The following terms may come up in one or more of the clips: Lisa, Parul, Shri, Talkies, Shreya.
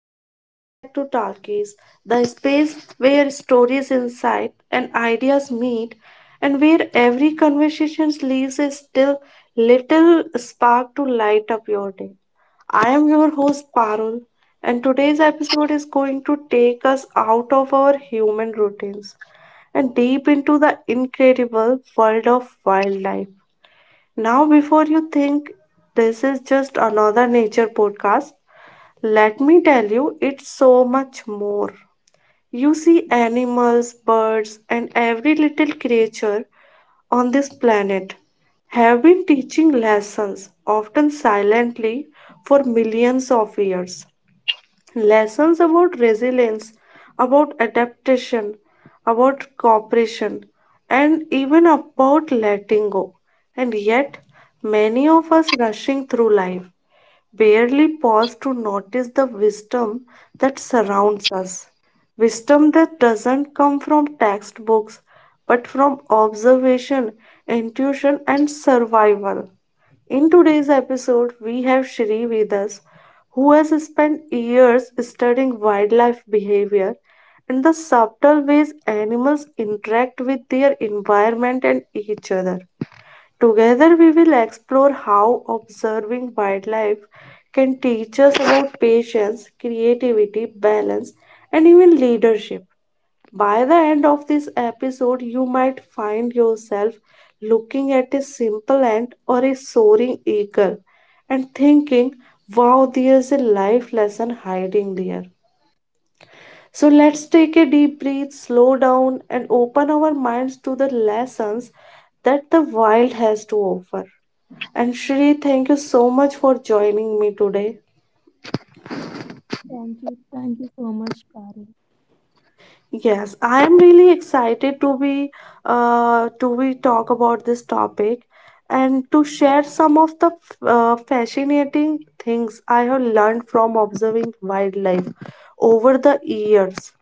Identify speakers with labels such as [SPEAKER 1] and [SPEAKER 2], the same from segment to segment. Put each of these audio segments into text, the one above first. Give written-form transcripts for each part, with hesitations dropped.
[SPEAKER 1] and welcome back to Talkies, the space where stories, insight, and ideas meet, and where every conversation leaves a still little spark to light up your day. I am your host Parul, and today's episode is going to take us out of our human routines and deep into the incredible world of wildlife. Now, before you think this is just another nature podcast, let me tell you, it's so much more. You see animals, birds, and every little creature on this planet have been teaching lessons, often silently, for millions of years, lessons about resilience, about adaptation, about cooperation, and even about letting go. And yet, many of us rushing through life barely pause to notice the wisdom that surrounds us. Wisdom that doesn't come from textbooks but from observation, intuition, and survival. In today's episode, we have Shri with us, who has spent years studying wildlife behavior and the subtle ways animals interact with their environment and each other. Together, we will explore how observing wildlife can teach us about patience, creativity, balance, and even leadership. By the end of this episode, you might find yourself looking at a simple ant or a soaring eagle and thinking, wow, there's a life lesson hiding there. So let's take a deep breath, slow down, and open our minds to the lessons that the wild has to offer. And Shri, thank you so much for joining me today.
[SPEAKER 2] Thank you. Thank you so much, Parul.
[SPEAKER 1] Yes, I am really excited to be talk about this topic and to share some of the fascinating things I have learned from observing wildlife over the years.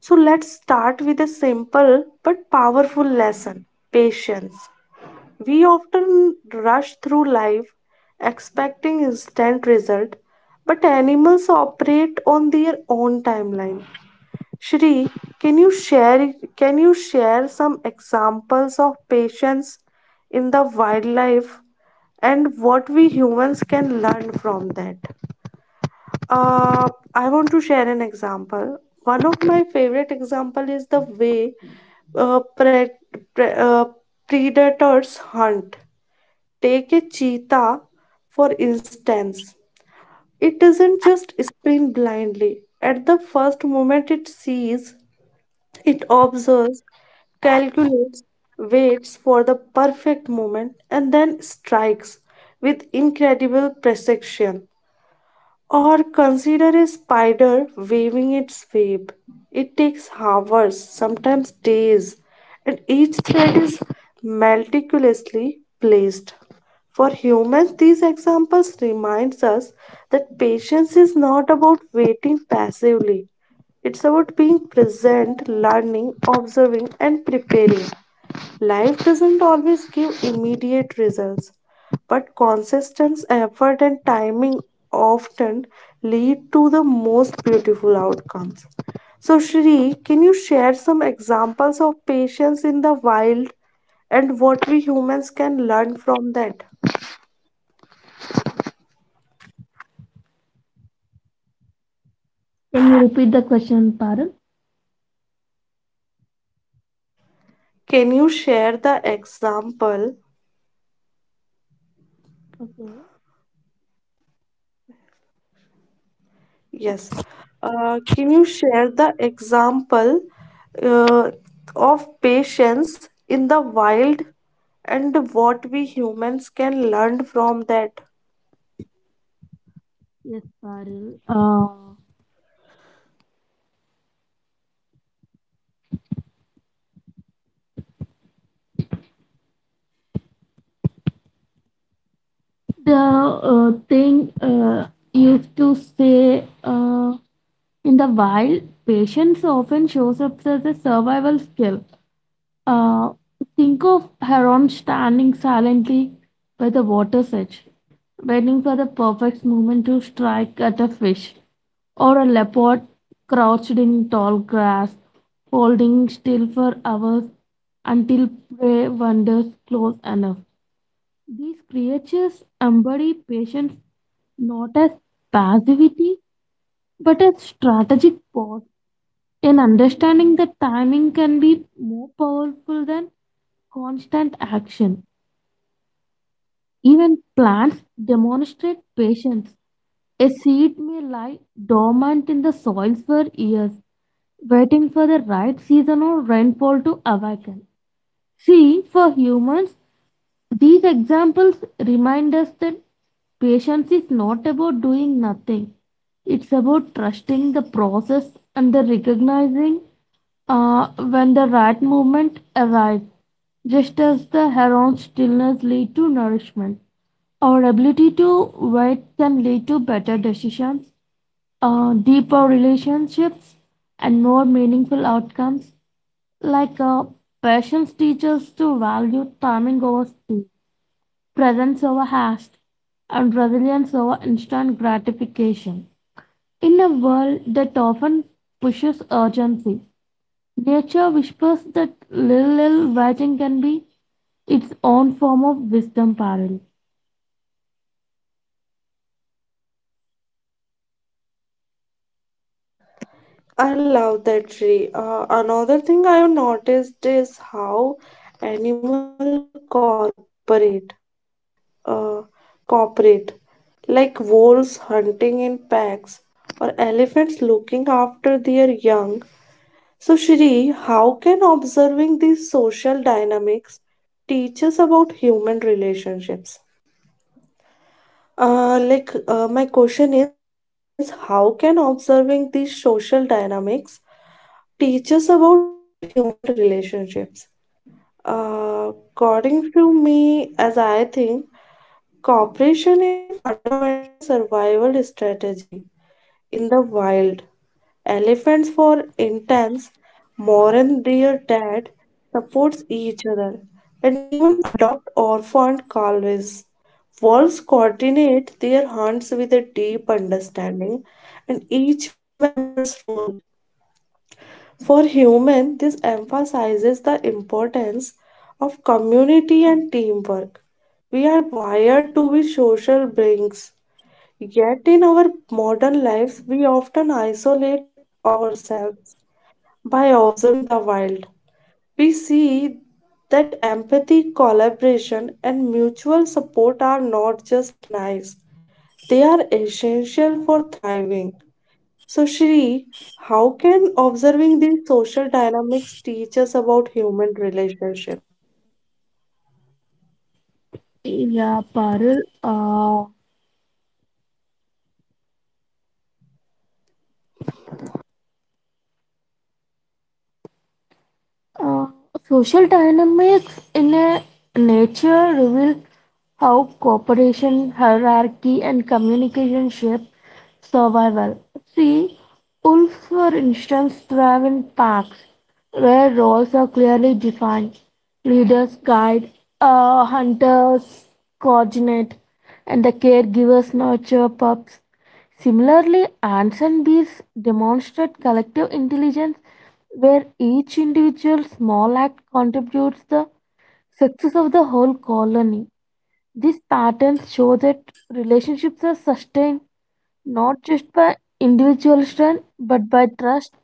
[SPEAKER 1] So let's start with a simple but powerful lesson: patience. We often rush through life expecting instant result, but animals operate on their own timeline. Shri, can you share some examples of patience in the wildlife and what we humans can learn from that? Uh, I want to share an example. One of my favorite example is the way uh, pre- pre- uh, predators hunt. Take a cheetah, for instance. It doesn't just sprint blindly. At the first moment it sees, it observes, calculates, waits for the perfect moment, and then strikes with incredible precision. Or consider a spider weaving its web. It takes hours, sometimes days, and each thread is meticulously placed. For humans, these examples reminds us that patience is not about waiting passively. It's about being present, learning, observing, and preparing. Life doesn't always give immediate results, but consistent effort and timing often lead to the most beautiful outcomes. So, Shri, can you share some examples of patience in the wild and what we humans can learn from that?
[SPEAKER 2] Can you repeat the question, Parul?
[SPEAKER 1] Can you share the example?
[SPEAKER 2] Okay.
[SPEAKER 1] Yes. Can you share the example uh, of patience in the wild and what we humans can learn from that?
[SPEAKER 2] Yes, Parul. The thing used to say in the wild, patience often shows up as a survival skill. Uh, think of Heron standing silently by the water's edge, waiting for the perfect moment to strike at a fish, or a leopard crouched in tall grass, holding still for hours until prey wanders close enough. These creatures embody patience not as passivity but as strategic pause, in understanding that timing can be more powerful than constant action. Even plants demonstrate patience. A seed may lie dormant in the soil for years, waiting for the right season or rainfall to awaken. See, for humans, these examples remind us that patience is not about doing nothing. It's about trusting the process and the recognizing when the right moment arrives. Just as the heron's stillness lead to nourishment, our ability to wait can lead to better decisions, deeper relationships, and more meaningful outcomes. Like uh, Patience teaches to value timing over speed, presence over haste, and resilience over instant gratification. In a world that often pushes urgency, nature whispers that little, little waiting can be its own form of wisdom, Parul.
[SPEAKER 1] I love that tree. Another thing I have noticed is how animal cooperate, uh, cooperate, like wolves hunting in packs or elephants looking after their young. So, Shri, how can observing these social dynamics teach us about human relationships? My question is, how can observing these social dynamics teach us about human relationships? According to me, as I think, cooperation is a fundamental survival strategy in the wild. Elephants, for instance, more mourn their dad, supports each other, and even adopt orphaned calves. Wolves coordinate their hunts with a deep understanding and each member's role. For human, this emphasizes the importance of community and teamwork. We are wired to be social beings, yet in our modern lives we often isolate ourselves. By observing the wild, we see that empathy, collaboration, and mutual support are not just nice, they are essential for thriving. So, Shri, how can observing these social dynamics teach us about human relationship?
[SPEAKER 2] Yeah, Parul. Uh, Uh, Social dynamics in a nature reveal how cooperation, hierarchy, and communication shape survival. See, wolves, for instance, thrive in packs where roles are clearly defined. Leaders guide, hunters coordinate, and the caregivers nurture pups. Similarly, ants and bees demonstrate collective intelligence where each individual small act contributes the success of the whole colony. These patterns show that relationships are sustained not just by individual strength but by trust,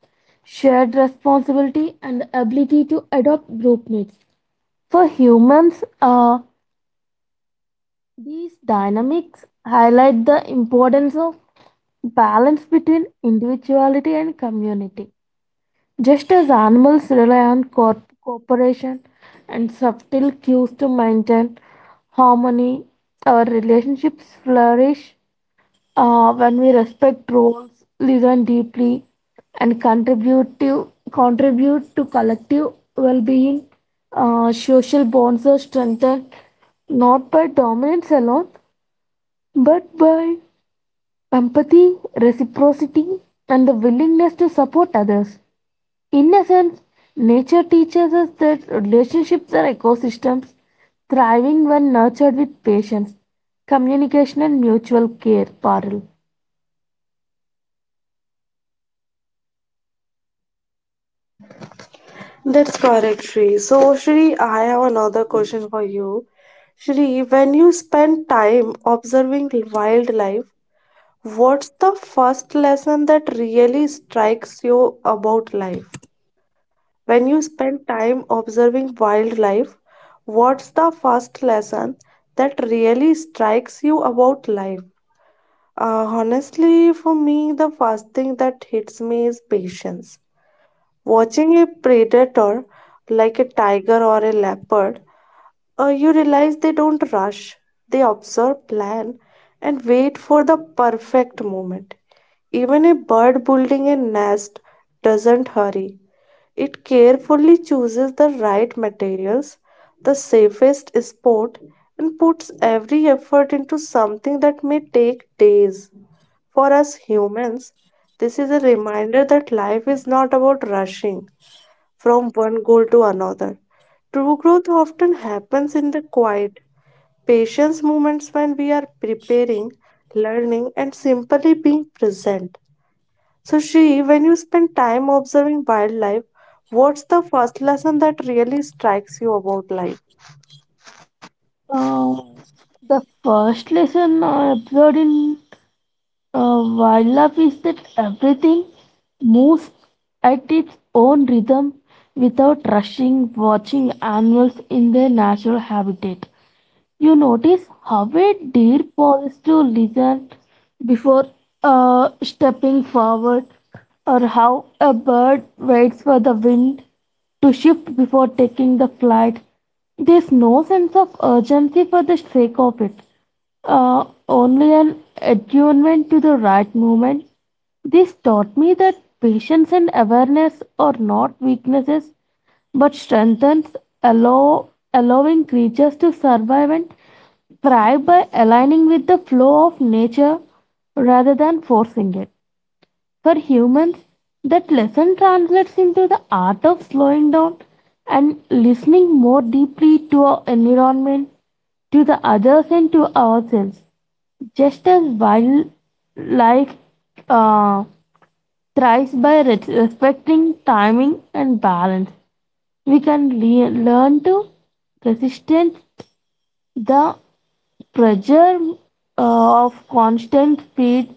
[SPEAKER 2] shared responsibility, and the ability to adopt group needs. For humans, these dynamics highlight the importance of balance between individuality and community. Just as animals rely on cooperation and subtle cues to maintain harmony, our relationships flourish when we respect roles, listen deeply, and contribute to collective well-being. Social bonds are strengthened not by dominance alone, but by empathy, reciprocity, and the willingness to support others. In essence, nature teaches us that relationships are ecosystems thriving when nurtured with patience, communication, and mutual care, Parul.
[SPEAKER 1] That's correct, Shri. So, Shri, I have another question for you. Shri, when you spend time observing wildlife, what's the first lesson that really strikes you about life? When you spend time observing wildlife, what's the first lesson that really strikes you about life? Honestly, for me, the first thing that hits me is patience. Watching a predator like a tiger or a leopard, you realize they don't rush, they observe, plan, and wait for the perfect moment. Even a bird building a nest doesn't hurry. It carefully chooses the right materials, the safest spot, and puts every effort into something that may take days. For us humans, this is a reminder that life is not about rushing from one goal to another. True growth often happens in the quiet, patience moments when we are preparing, learning, and simply being present. So, Shri, when you spend time observing wildlife, what's the first lesson that really strikes you about life?
[SPEAKER 2] Um, the first lesson I observed in wildlife is that everything moves at its own rhythm without rushing, watching animals in their natural habitat. You notice how a deer pauses to listen before stepping forward, or how a bird waits for the wind to shift before taking the flight. There's no sense of urgency for the sake of it, only an attunement to the right moment. This taught me that patience and awareness are not weaknesses, but strengthens allowing creatures to survive and thrive by aligning with the flow of nature rather than forcing it. For humans, that lesson translates into the art of slowing down and listening more deeply to our environment, to the others, and to ourselves. Just as wildlife uh, thrives by respecting timing and balance, we can learn to resistance the pressure of constant speed,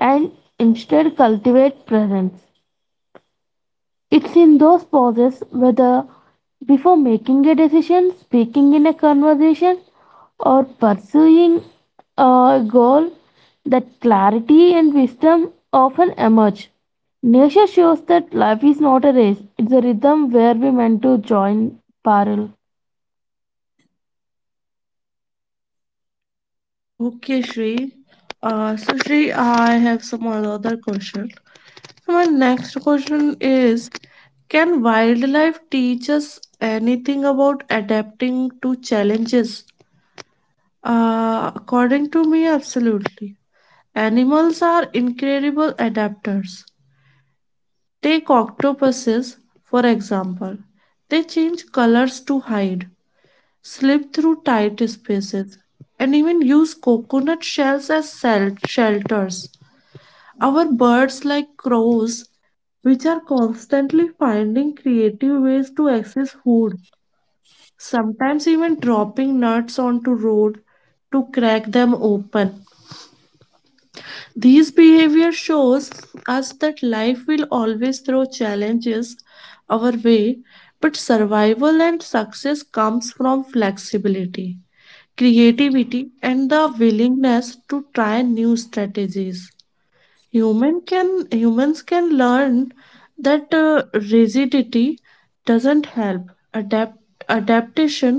[SPEAKER 2] and instead cultivate presence. It's in those pauses, whether before making a decision, speaking in a conversation, or pursuing a goal, that clarity and wisdom often emerge. Nature shows that life is not a race, it's a rhythm where we meant to join, parallel.
[SPEAKER 1] Okay, Shri. So, Shri, I have some other question. So my next question is, can wildlife teach us anything about adapting to challenges? According to me, absolutely. Animals are incredible adapters. Take octopuses, for example. They change colors to hide, slip through tight spaces, and even use coconut shells as shelters. Our birds, like crows, which are constantly finding creative ways to access food, sometimes even dropping nuts onto road to crack them open. These behavior shows us that life will always throw challenges our way, but survival and success comes from flexibility, creativity and the willingness to try new strategies. Humans can learn that rigidity doesn't help adapt, adaptation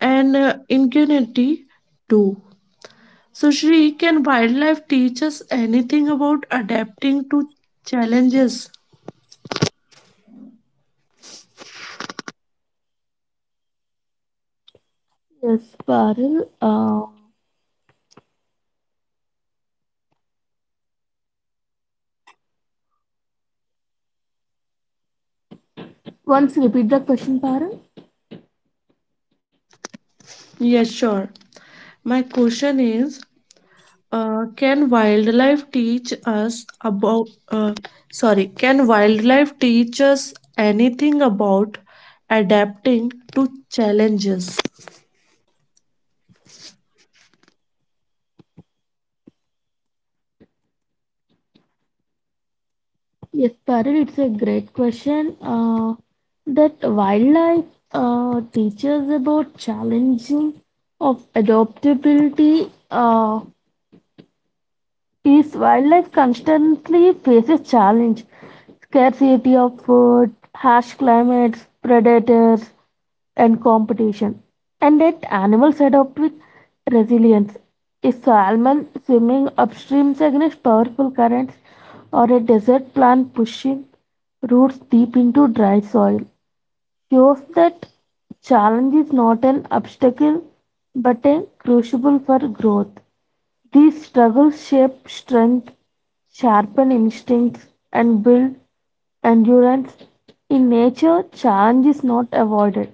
[SPEAKER 1] and ingenuity do. So, Shri, can wildlife teach us anything about adapting to challenges?
[SPEAKER 2] Yes, Parul. Once repeat the question, Parul.
[SPEAKER 1] Yes, sure. My question is, can wildlife teach us about, can wildlife teach us anything about adapting to challenges?
[SPEAKER 2] Yes, Parul, it's a great question. That wildlife teaches about challenging of adaptability. Is wildlife constantly faces challenge, scarcity of food, harsh climates, predators, and competition. And yet animals adapt with resilience. A salmon swimming upstream against powerful currents, or a desert plant pushing roots deep into dry soil shows that challenge is not an obstacle but a crucible for growth. These struggles shape strength, sharpen instincts, and build endurance. In nature, challenge is not avoided,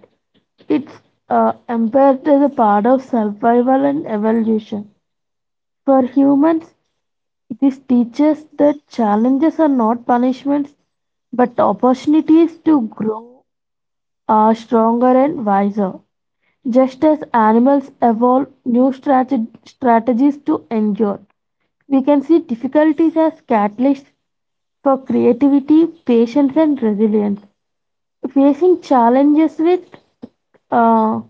[SPEAKER 2] it's embedded as a part of survival and evolution. For humans, this teaches that challenges are not punishments but opportunities to grow are stronger and wiser. Just as animals evolve new strategies to endure, we can see difficulties as catalysts for creativity, patience, and resilience. Facing challenges with uh,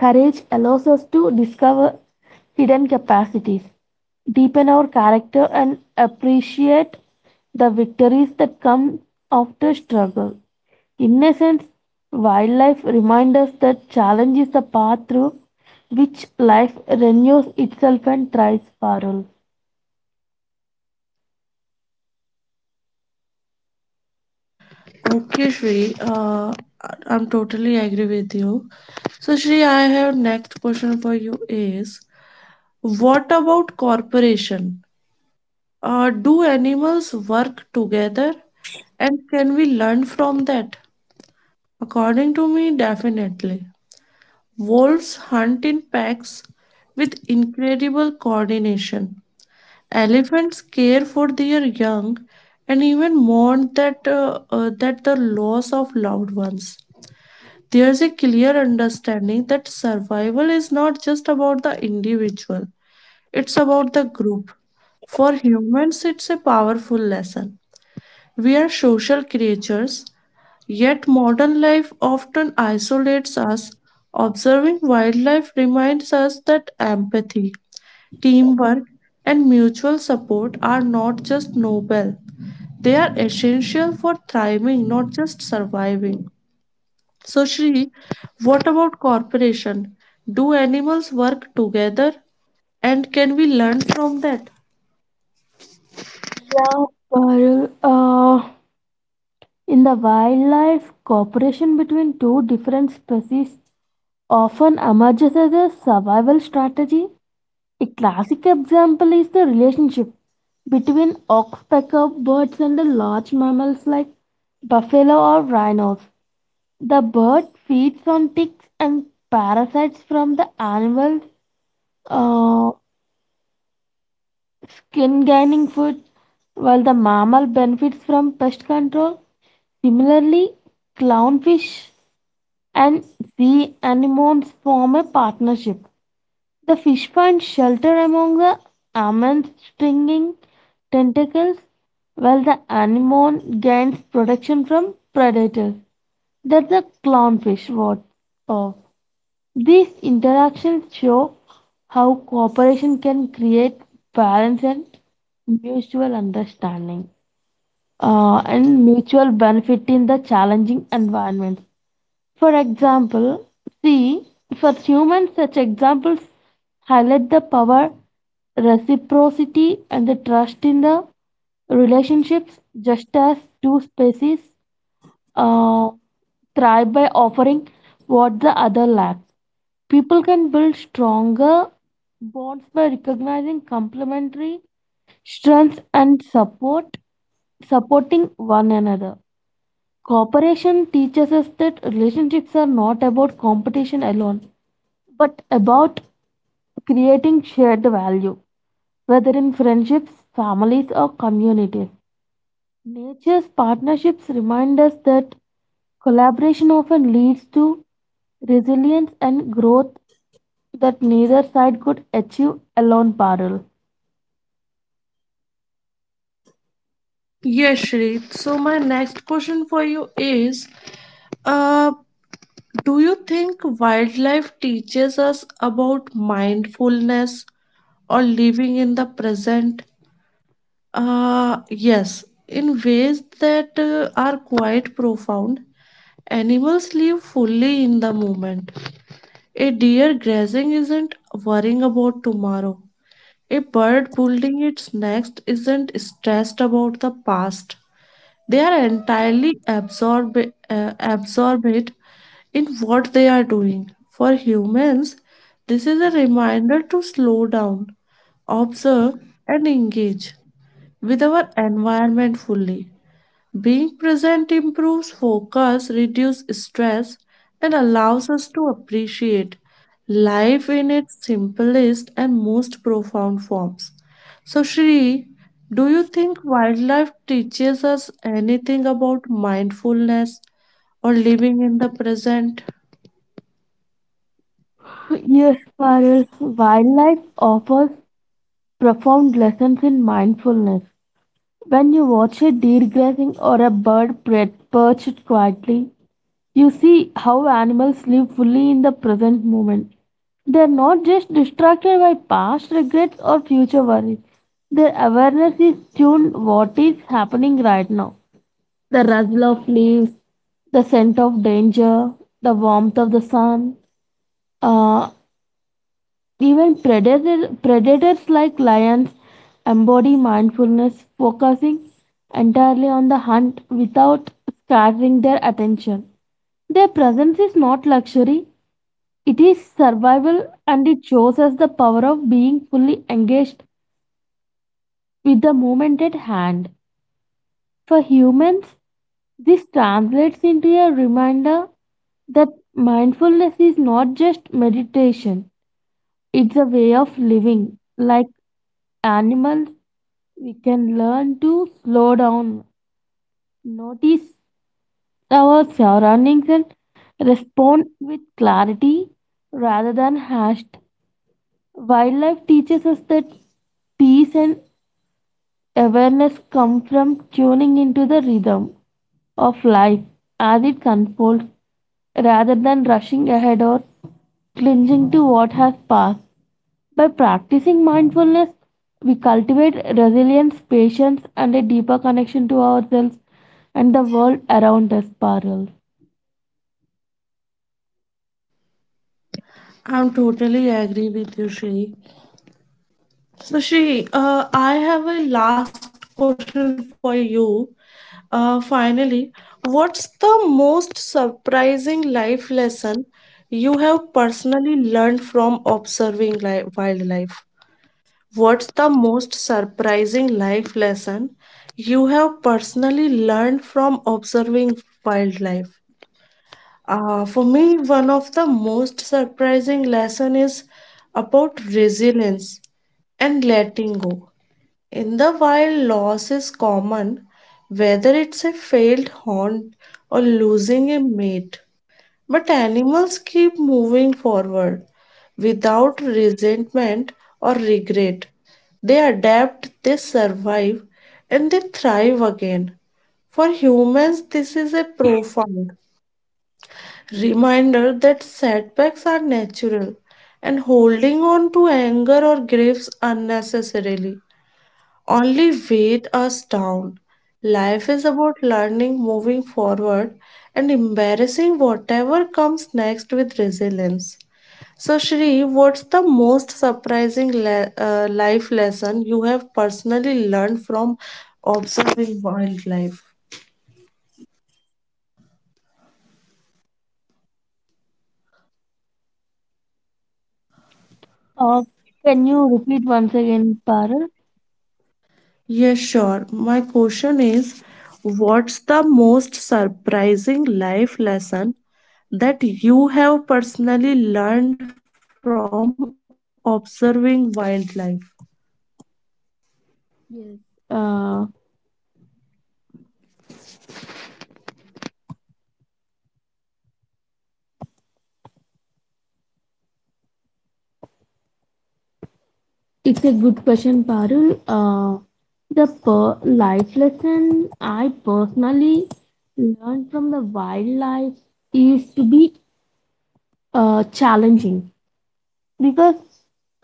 [SPEAKER 2] courage allows us to discover hidden capacities, deepen our character, and appreciate the victories that come after struggle. In essence, wildlife reminds us that challenge is the path through which life renews itself and thrives, Parul.
[SPEAKER 1] Okay, Shri, I'm totally agree with you. So, Shri, I have next question for you is, what about cooperation? Do animals work together, and can we learn from that? According to me, definitely. Wolves hunt in packs with incredible coordination. Elephants care for their young and even mourn that the loss of loved ones. There's a clear understanding that survival is not just about the individual, it's about the group. For humans, it's a powerful lesson. We are social creatures. Yet modern life often isolates us. Observing wildlife reminds us that empathy, teamwork, and mutual support are not just noble, they are essential for thriving, not just surviving. So, Shri, what about cooperation? Do animals work together and can we learn from that?
[SPEAKER 2] Yeah, Parul. In the wildlife, cooperation between two different species often emerges as a survival strategy. A classic example is the relationship between oxpecker birds and the large mammals like buffalo or rhinos. The bird feeds on ticks and parasites from the animal's uh, skin gaining food, while the mammal benefits from pest control. Similarly, clownfish and sea anemones form a partnership. The fish finds shelter among the almond's stinging tentacles, while the anemone gains protection from predators that the clownfish wards off. These interactions show how cooperation can create balance and mutual understanding and mutual benefit in the challenging environment. For example, see, for humans, such examples highlight the power, reciprocity, and the trust in the relationships, just as two species uh, thrive by offering what the other lacks. People can build stronger bonds by recognizing complementary strengths and supporting one another. Cooperation teaches us that relationships are not about competition alone, but about creating shared value, whether in friendships, families, or communities. Nature's partnerships remind us that collaboration often leads to resilience and growth that neither side could achieve alone, Parul.
[SPEAKER 1] Yes, Shri. So, my next question for you is, uh, do you think wildlife teaches us about mindfulness or living in the present? Yes, in ways that are quite profound. Animals live fully in the moment, a deer grazing isn't worrying about tomorrow. A bird building its nest isn't stressed about the past. They are entirely absorbed in what they are doing. For humans, this is a reminder to slow down, observe, and engage with our environment fully. Being present improves focus, reduces stress, and allows us to appreciate life in its simplest and most profound forms. So, Shri, do you think wildlife teaches us anything about mindfulness or living in the present?
[SPEAKER 2] Yes, Parul. Wildlife offers profound lessons in mindfulness. When you watch a deer grazing or a bird perched quietly, you see how animals live fully in the present moment. They are not just distracted by past regrets or future worries. Their awareness is tuned what is happening right now. The rustle of leaves, the scent of danger, the warmth of the sun, uh, predators like lions embody mindfulness, focusing entirely on the hunt without scattering their attention. Their presence is not luxury, it is survival, and it shows us the power of being fully engaged with the moment at hand. For humans, this translates into a reminder that mindfulness is not just meditation, it's a way of living. Like animals, we can learn to slow down, notice our surroundings, and respond with clarity rather than hashed. Wildlife teaches us that peace and awareness comes from tuning into the rhythm of life as it unfolds rather than rushing ahead or clinging to what has passed. By practicing mindfulness, we cultivate resilience, patience, and a deeper connection to ourselves and the world around us, Parul.
[SPEAKER 1] I'm totally agree with you, Shri. So, Shri, I have a last question for you. Finally, what's the most surprising life lesson you have personally learned from observing wildlife? What's the most surprising life lesson you have personally learned from observing wildlife? For me, one of the most surprising lesson is about resilience and letting go. In the wild, loss is common, whether it's a failed hunt or losing a mate. But animals keep moving forward without resentment or regret. They adapt, they survive, and they thrive again. For humans, this is a profound reminder that setbacks are natural and holding on to anger or griefs unnecessarily only weighed us down. Life is about learning, moving forward, and embarrassing whatever comes next with resilience. So, Shri, what's the most surprising life lesson you have personally learned from observing wildlife?
[SPEAKER 2] Uh, can you repeat once again, Parul?
[SPEAKER 1] Yes, sure. My question is, what's the most surprising life lesson that you have personally learned from observing wildlife?
[SPEAKER 2] Yes. Uh, it's a good question, Parul. Uh, the per life lesson I personally learned from the wildlife is to be challenging, because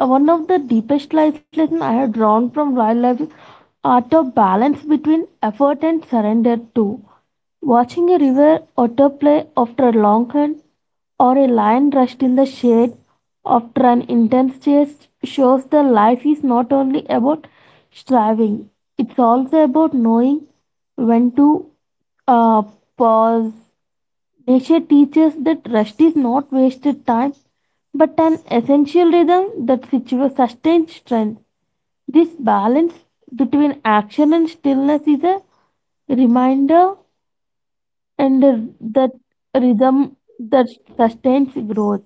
[SPEAKER 2] one of the deepest life lessons I have drawn from wildlife is art of balance between effort and surrender too. Watching a river otter play after a long hunt or a lion rushed in the shade after an intense chase shows that life is not only about striving, it's also about knowing when to uh, pause. Nature teaches that rest is not wasted time but an essential rhythm that sustains strength. This balance between action and stillness is a reminder and a- that rhythm that sustains growth.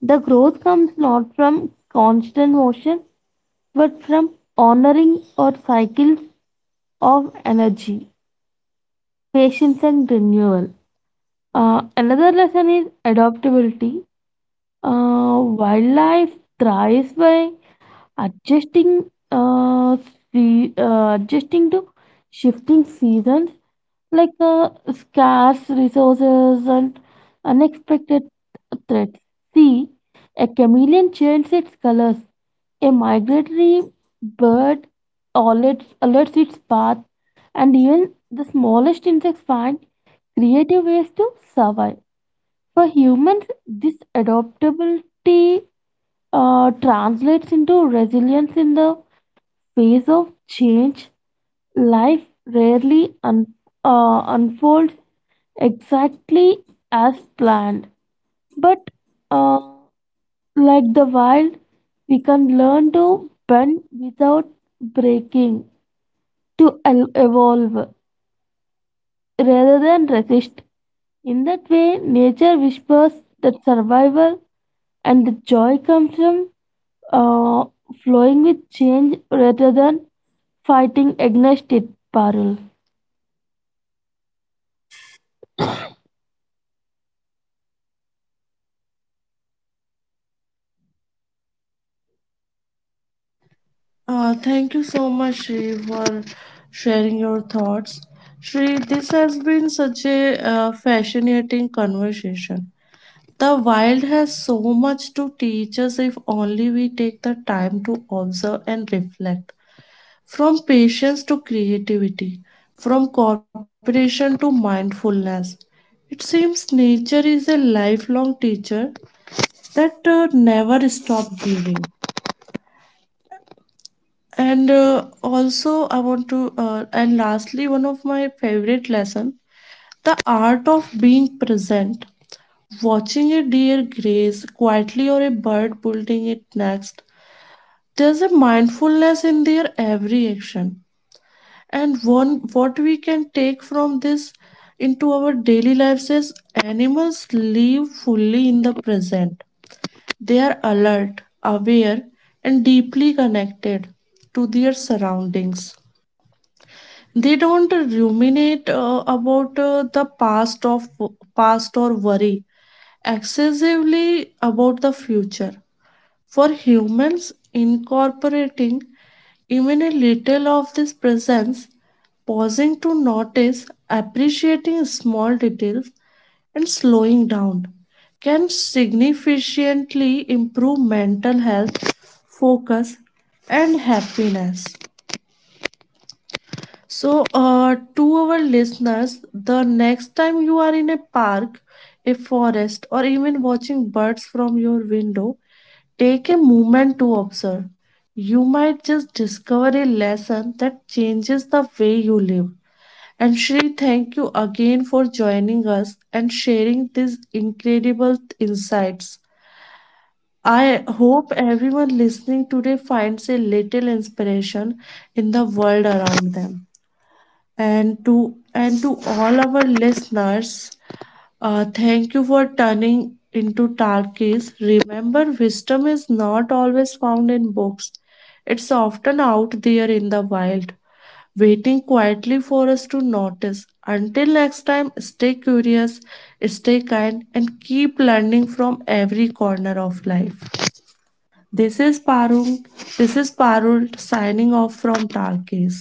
[SPEAKER 2] The growth comes not from constant motion but from honoring our cycles of energy, patience, and renewal. Another lesson is adaptability. Wildlife thrives by adjusting, uh, adjusting to shifting seasons like scarce resources and unexpected threats. See, a chameleon changes its colors. A migratory bird alerts its path, and even the smallest insects find creative ways to survive. For humans, this adaptability translates into resilience in the face of change. Life rarely unfolds exactly as planned, but uh, like the wild, we can learn to bend without breaking, to evolve rather than resist. In that way, nature whispers that survival and the joy comes from uh, flowing with change rather than fighting against it, Parul.
[SPEAKER 1] Thank you so much, Shri, for sharing your thoughts. Shri, this has been such a fascinating conversation. The wild has so much to teach us if only we take the time to observe and reflect. From patience to creativity, from cooperation to mindfulness, it seems nature is a lifelong teacher that never stops giving. And also I want to and lastly one of my favorite lesson, the art of being present. Watching a deer graze quietly or a bird building it next, there's a mindfulness in their every action, and one what we can take from this into our daily lives is animals live fully in the present. They are alert, aware, and deeply connected to their surroundings. They don't ruminate about the past or worry excessively about the future. For humans, incorporating even a little of this presence, pausing to notice, appreciating small details, and slowing down can significantly improve mental health, focus, and happiness. So, to our listeners, the next time you are in a park, a forest, or even watching birds from your window, take a moment to observe. You might just discover a lesson that changes the way you live. And Shri, thank you again for joining us and sharing these incredible insights. I hope everyone listening today finds a little inspiration in the world around them, and to all our listeners, thank you for turning into Talkies. Remember, wisdom is not always found in books, it's often out there in the wild, waiting quietly for us to notice. Until next time, stay curious, stay kind and keep learning from every corner of life. This is Parul. This is Parul signing off from Talkies.